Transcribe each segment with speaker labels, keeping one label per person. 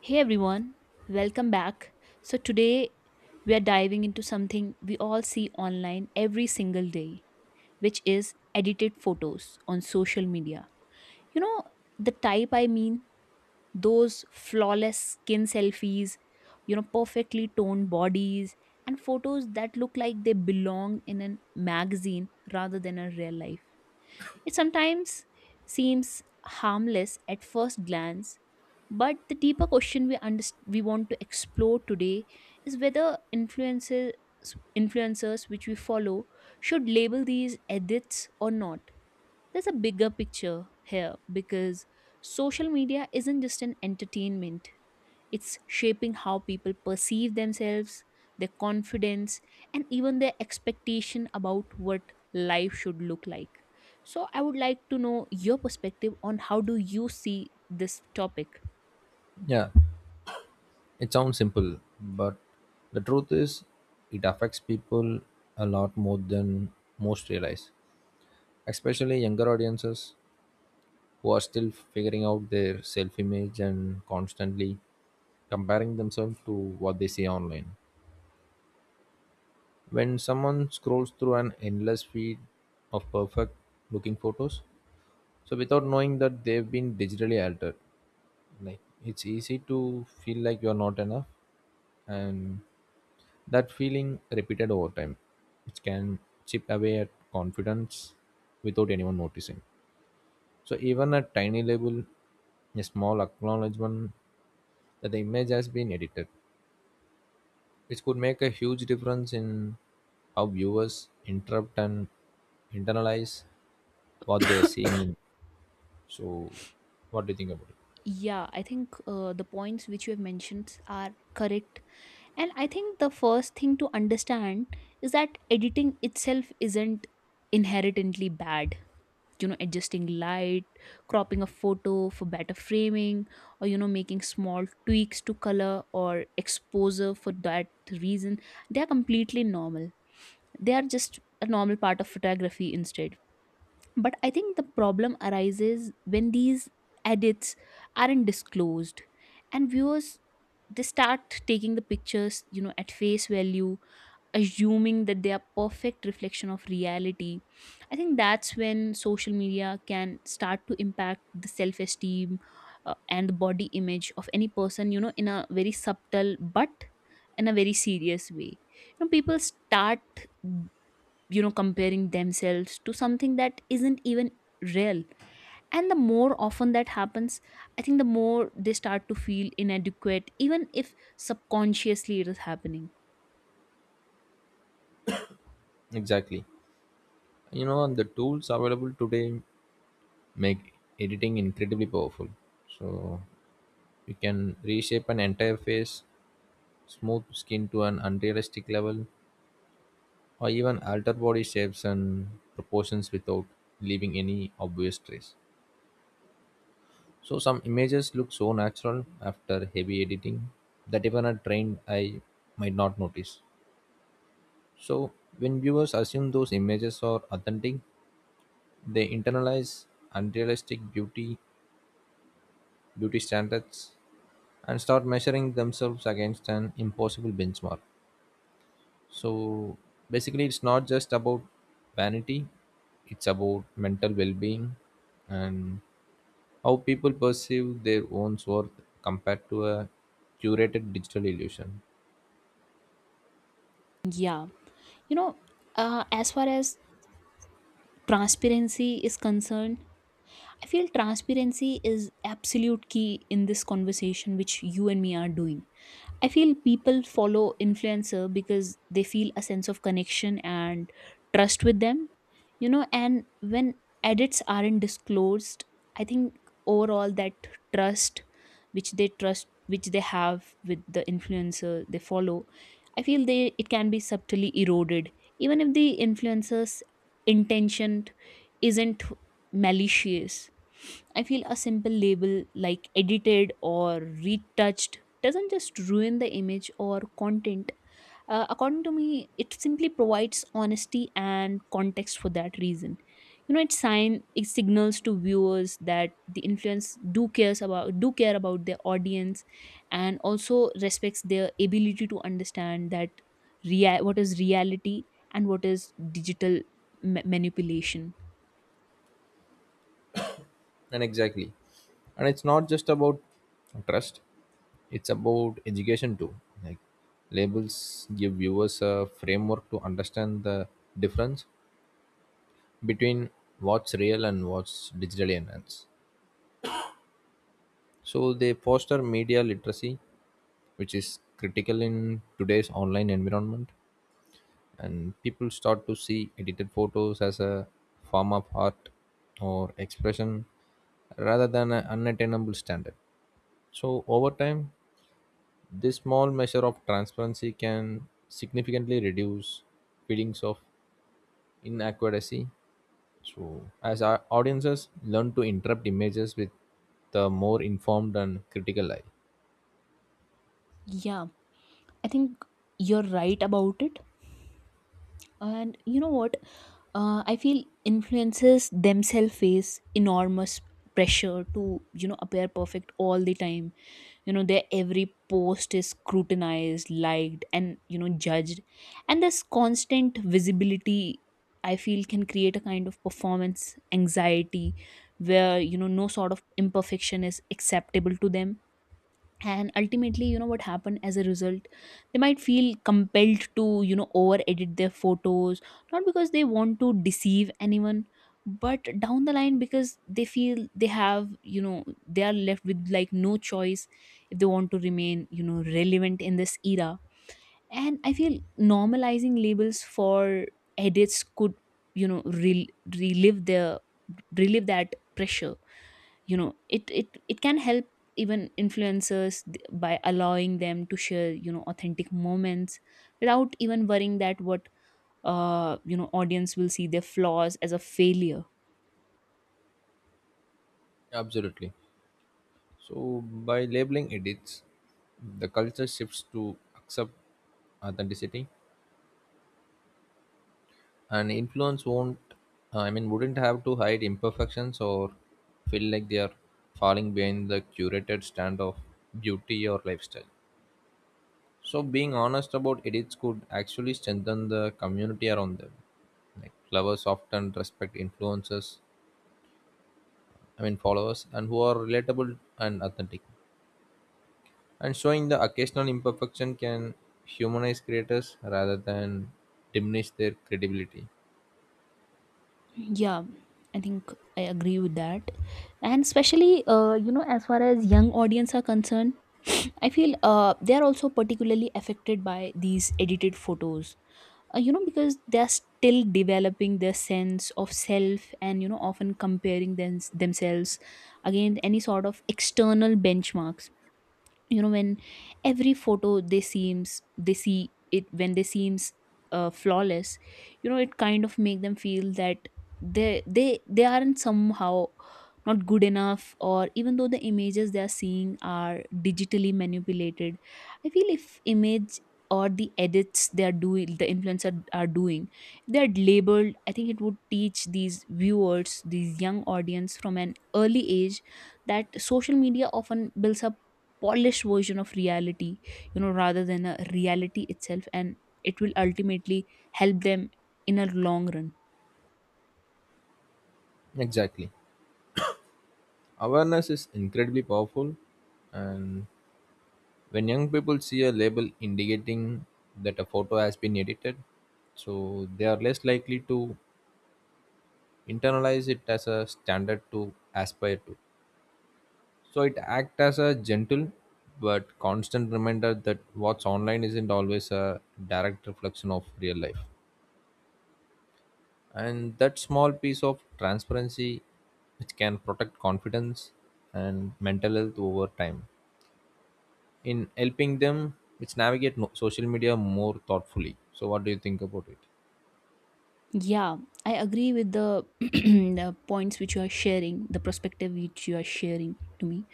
Speaker 1: Hey everyone, welcome back. Today we are diving into something we all see online every single day, which is edited photos on social media. You know, the type I mean, those flawless skin selfies, you know, perfectly toned bodies, and photos that look like they belong in a magazine rather than a real life. It sometimes seems harmless at first glance, but the deeper question we want to explore today is whether influences influencers which we follow should label these edits or not. There's a bigger picture here because social media isn't just an entertainment. It's shaping how people perceive themselves, their confidence, and even their expectation about what life should look like. So, I would like to know your perspective on how do you see this topic?
Speaker 2: Yeah, it sounds simple, but the truth is, it affects people a lot more than most realize, especially younger audiences who are still figuring out their self image and constantly comparing themselves to what they see online. When someone scrolls through an endless feed of perfect looking photos, so without knowing that they've been digitally altered, like it's easy to feel like you're not enough and that feeling, repeated over time, which can chip away at confidence without anyone noticing. So, even a tiny label, a small acknowledgement that the image has been edited, which could make a huge difference in how viewers interrupt and internalize what they're seeing. In. So, what do you think about it?
Speaker 1: Yeah, I think the points which you have mentioned are correct. And I think the first thing to understand is that editing itself isn't inherently bad. You know, adjusting light, cropping a photo for better framing, or you know, making small tweaks to color or exposure for that reason, they are completely normal. They are just a normal part of photography instead. But I think the problem arises when these edits aren't disclosed and viewers, they start taking the pictures, you know, at face value, assuming that they are perfect reflection of reality. I think that's when social media can start to impact the self esteem, and the body image of any person, you know, in a very subtle but in a very serious way. You know, people start, you know, comparing themselves to something that isn't even real. And the more often that happens, I think the more they start to feel inadequate, even if subconsciously it is happening.
Speaker 2: Exactly. You know, and the tools available today make editing incredibly powerful. So, you can reshape an entire face, smooth skin to an unrealistic level, or even alter body shapes and proportions without leaving any obvious trace. So, some images look so natural after heavy editing that even a trained eye might not notice. So, when viewers assume those images are authentic, they internalize unrealistic beauty, beauty standards, and start measuring themselves against an impossible benchmark. So basically, it's not just about vanity, it's about mental well being and how people perceive their own worth compared to a curated digital illusion.
Speaker 1: Yeah, you know, as far as transparency is concerned, I feel transparency is absolute key in this conversation which you and me are doing. I feel people follow influencer because they feel a sense of connection and trust with them, you know, and when edits aren't disclosed, I think overall that trust trust which they have with the influencer they follow, I feel they it can be subtly eroded. Even if the influencer's intention isn't malicious, I feel a simple label like edited or retouched doesn't just ruin the image or content. According to me, it simply provides honesty and context for that reason. You know, it signals to viewers that the influence do cares about do care about their audience, and also respects their ability to understand that what is reality and what is digital manipulation.
Speaker 2: And exactly. And it's not just about trust, it's about education too. Like, labels give viewers a framework to understand the difference between what's real and what's digitally enhanced. So they foster media literacy, which is critical in today's online environment. And people start to see edited photos as a form of art or expression rather than an unattainable standard. So over time, this small measure of transparency can significantly reduce feelings of inaccuracy, so, as our audiences learn to interpret images with the more informed and critical eye.
Speaker 1: Yeah, I think you're right about it. And you know what? I feel influencers themselves face enormous pressure to, you know, appear perfect all the time. You know, their every post is scrutinized, liked, and, you know, judged. And this constant visibility, I feel, can create a kind of performance anxiety where, you know, no sort of imperfection is acceptable to them. And ultimately, you know what happened as a result, they might feel compelled to, you know, over edit their photos, not because they want to deceive anyone, but down the line because they feel they have, you know, they are left with like no choice if they want to remain, you know, relevant in this era. And I feel normalizing labels for edits could, you know, relive their relive that pressure, you know, it can help even by allowing them to share, you know, authentic moments without even worrying that what you know, audience will see their flaws as a failure.
Speaker 2: Absolutely. So by labeling edits, the culture shifts to accept authenticity, and influence won't. I mean, wouldn't have to hide imperfections or feel like they are falling behind the curated stand of beauty or lifestyle. So being honest about edits could actually strengthen the community around them. Like lovers often respect influencers, I mean followers, and who are relatable and authentic. And showing the occasional imperfection can humanize creators rather than diminish their credibility.
Speaker 1: Yeah, I think I agree with that. And especially you know, as far as young audience are concerned, I feel they are also particularly affected by these edited photos, you know, because they're still developing their sense of self, and you know, often comparing themselves against any sort of external benchmarks. You know, when every photo they seems they see it when they seems flawless, you know, it kind of make them feel that they aren't somehow not good enough, or even though the images they are seeing are digitally manipulated. I feel if image or the edits they are doing the influencer are doing, if they are labeled, I think it would teach these viewers, these young audience, from an early age that social media often builds up polished version of reality, you know, rather than a reality itself, and it will ultimately help them in a long run.
Speaker 2: Exactly. Awareness is incredibly powerful, and when young people see a label indicating that a photo has been edited, so they are less likely to internalize it as a standard to aspire to. So it acts as a gentle but constant reminder that what's online isn't always a direct reflection of real life. And that small piece of transparency which can protect confidence and mental health over time in helping them which navigate social media more thoughtfully. So what do you think about it?
Speaker 1: Yeah, I agree with the points which you are sharing, the perspective which you are sharing to me.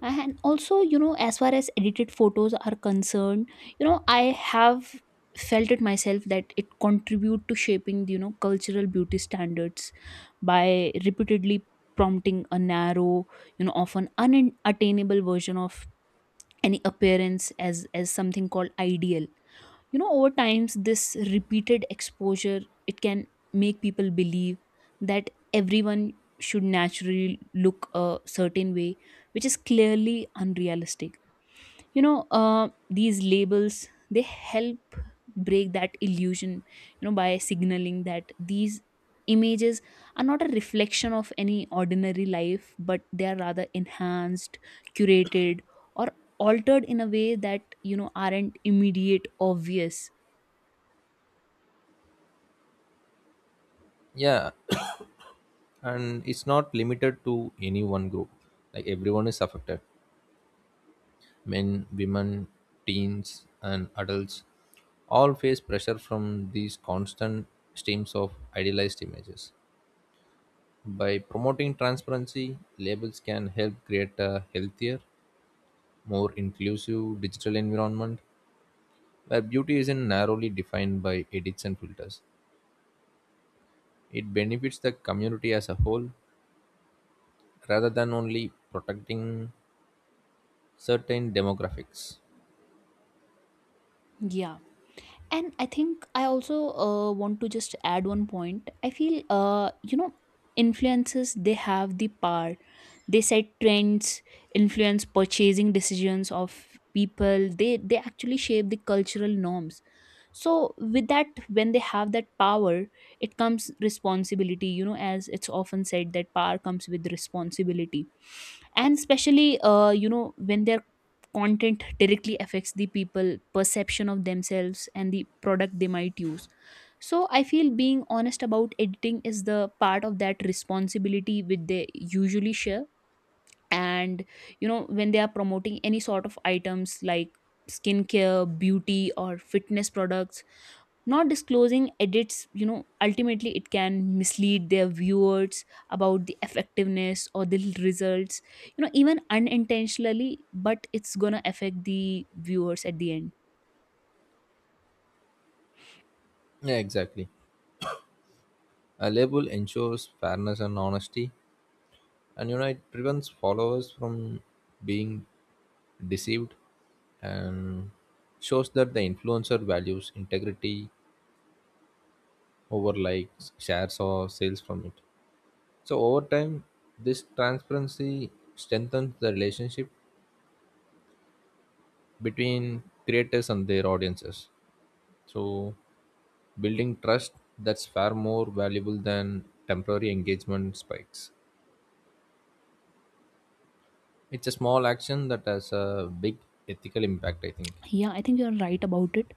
Speaker 1: And also, you know, as far as edited photos are concerned, you know, I have felt it myself that it contribute to shaping you know, cultural beauty standards by repeatedly prompting a narrow, you know, often unattainable version of any appearance as something called ideal. You know, over times, this repeated exposure, it can make people believe that everyone should naturally look a certain way, which is clearly unrealistic. You know, these labels, they help break that illusion, you know, by signaling that these images are not a reflection of any ordinary life, but they are rather enhanced, curated, or altered in a way that, you know, aren't immediate obvious.
Speaker 2: Yeah. And it's not limited to any one group. Like everyone is affected, men women teens and adults all face pressure from these constant streams of idealized images. By promoting transparency, labels can help create a healthier, more inclusive digital environment where beauty isn't narrowly defined by edits and filters. It benefits the community as a whole rather than only protecting certain demographics.
Speaker 1: Yeah. And I think I also want to just add one point. I feel, you know, influences, they have the power. They set trends, influence purchasing decisions of people. They actually shape the cultural norms. So, with that, when they have that power, it comes responsibility. You know, as it's often said, that power comes with responsibility, and especially you know, when their content directly affects the people perception of themselves and the product they might use. So I feel being honest about editing is the part of that responsibility which they usually share. And you know, when they are promoting any sort of items like skincare, beauty, or fitness products, not disclosing edits, you know, ultimately it can mislead their viewers about the effectiveness or the results, you know, even unintentionally, but it's gonna affect the viewers at the end.
Speaker 2: Yeah, exactly. A label ensures fairness and honesty, and you know, it prevents followers from being deceived and shows that the influencer values integrity over likes, shares, or sales from it. So over time, this transparency strengthens the relationship between creators and their audiences. So building trust that's far more valuable than temporary engagement spikes. It's a small action that has a big ethical impact, I think.
Speaker 1: Yeah, I think you're right about it.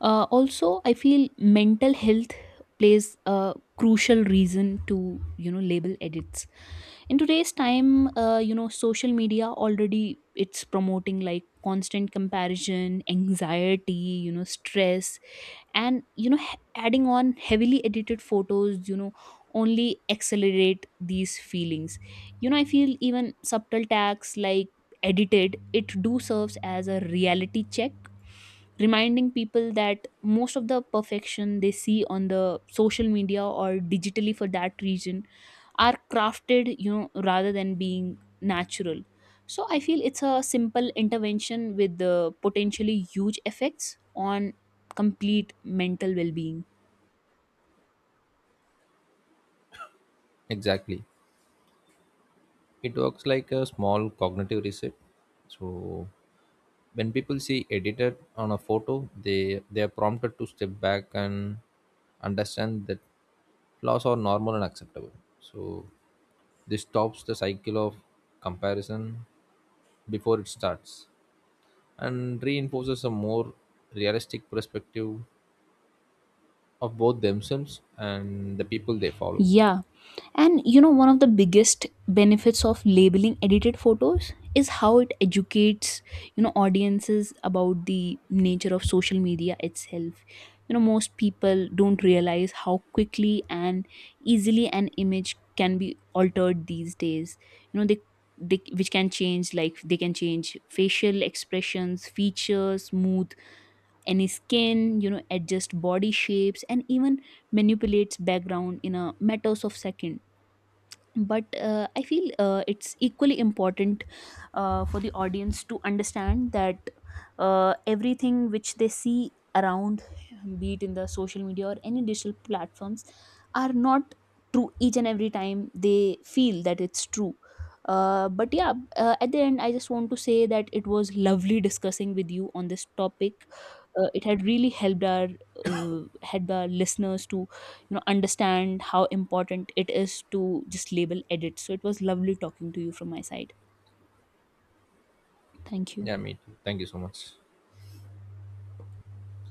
Speaker 1: Also, I feel mental health plays a crucial reason to, you know, label edits in today's time. You know, social media already, it's promoting like constant comparison, anxiety, you know, stress, and you know, adding on heavily edited photos, you know, only accelerate these feelings. You know, I feel even subtle tags like edited, it do serves as a reality check, reminding people that most of the perfection they see on the social media or digitally for that region are crafted, you know, rather than being natural. So I feel it's a simple intervention with the potentially huge effects on complete mental well-being.
Speaker 2: Exactly. It works like a small cognitive reset. So when people see edited on a photo, they are prompted to step back and understand that flaws are normal and acceptable. So this stops the cycle of comparison before it starts and reinforces a more realistic perspective of both themselves and the people they follow.
Speaker 1: Yeah. And you know, one of the biggest benefits of labeling edited photos is how it educates, you know, audiences about the nature of social media itself. You know, most people don't realize how quickly and easily an image can be altered these days. You know, which can change like they can change facial expressions, features, smooth any skin, you know, adjust body shapes, and even manipulates background in a matters of second. But I feel it's equally important, for the audience to understand that, everything which they see around, be it in the social media or any digital platforms, are not true each and every time they feel that it's true. But yeah, at the end, I just want to say that it was lovely discussing with you on this topic. It had really helped our listeners to, you know, understand how important it is to just label edit. So it was lovely talking to you from my side. Thank you.
Speaker 2: Yeah, me too, thank you so much.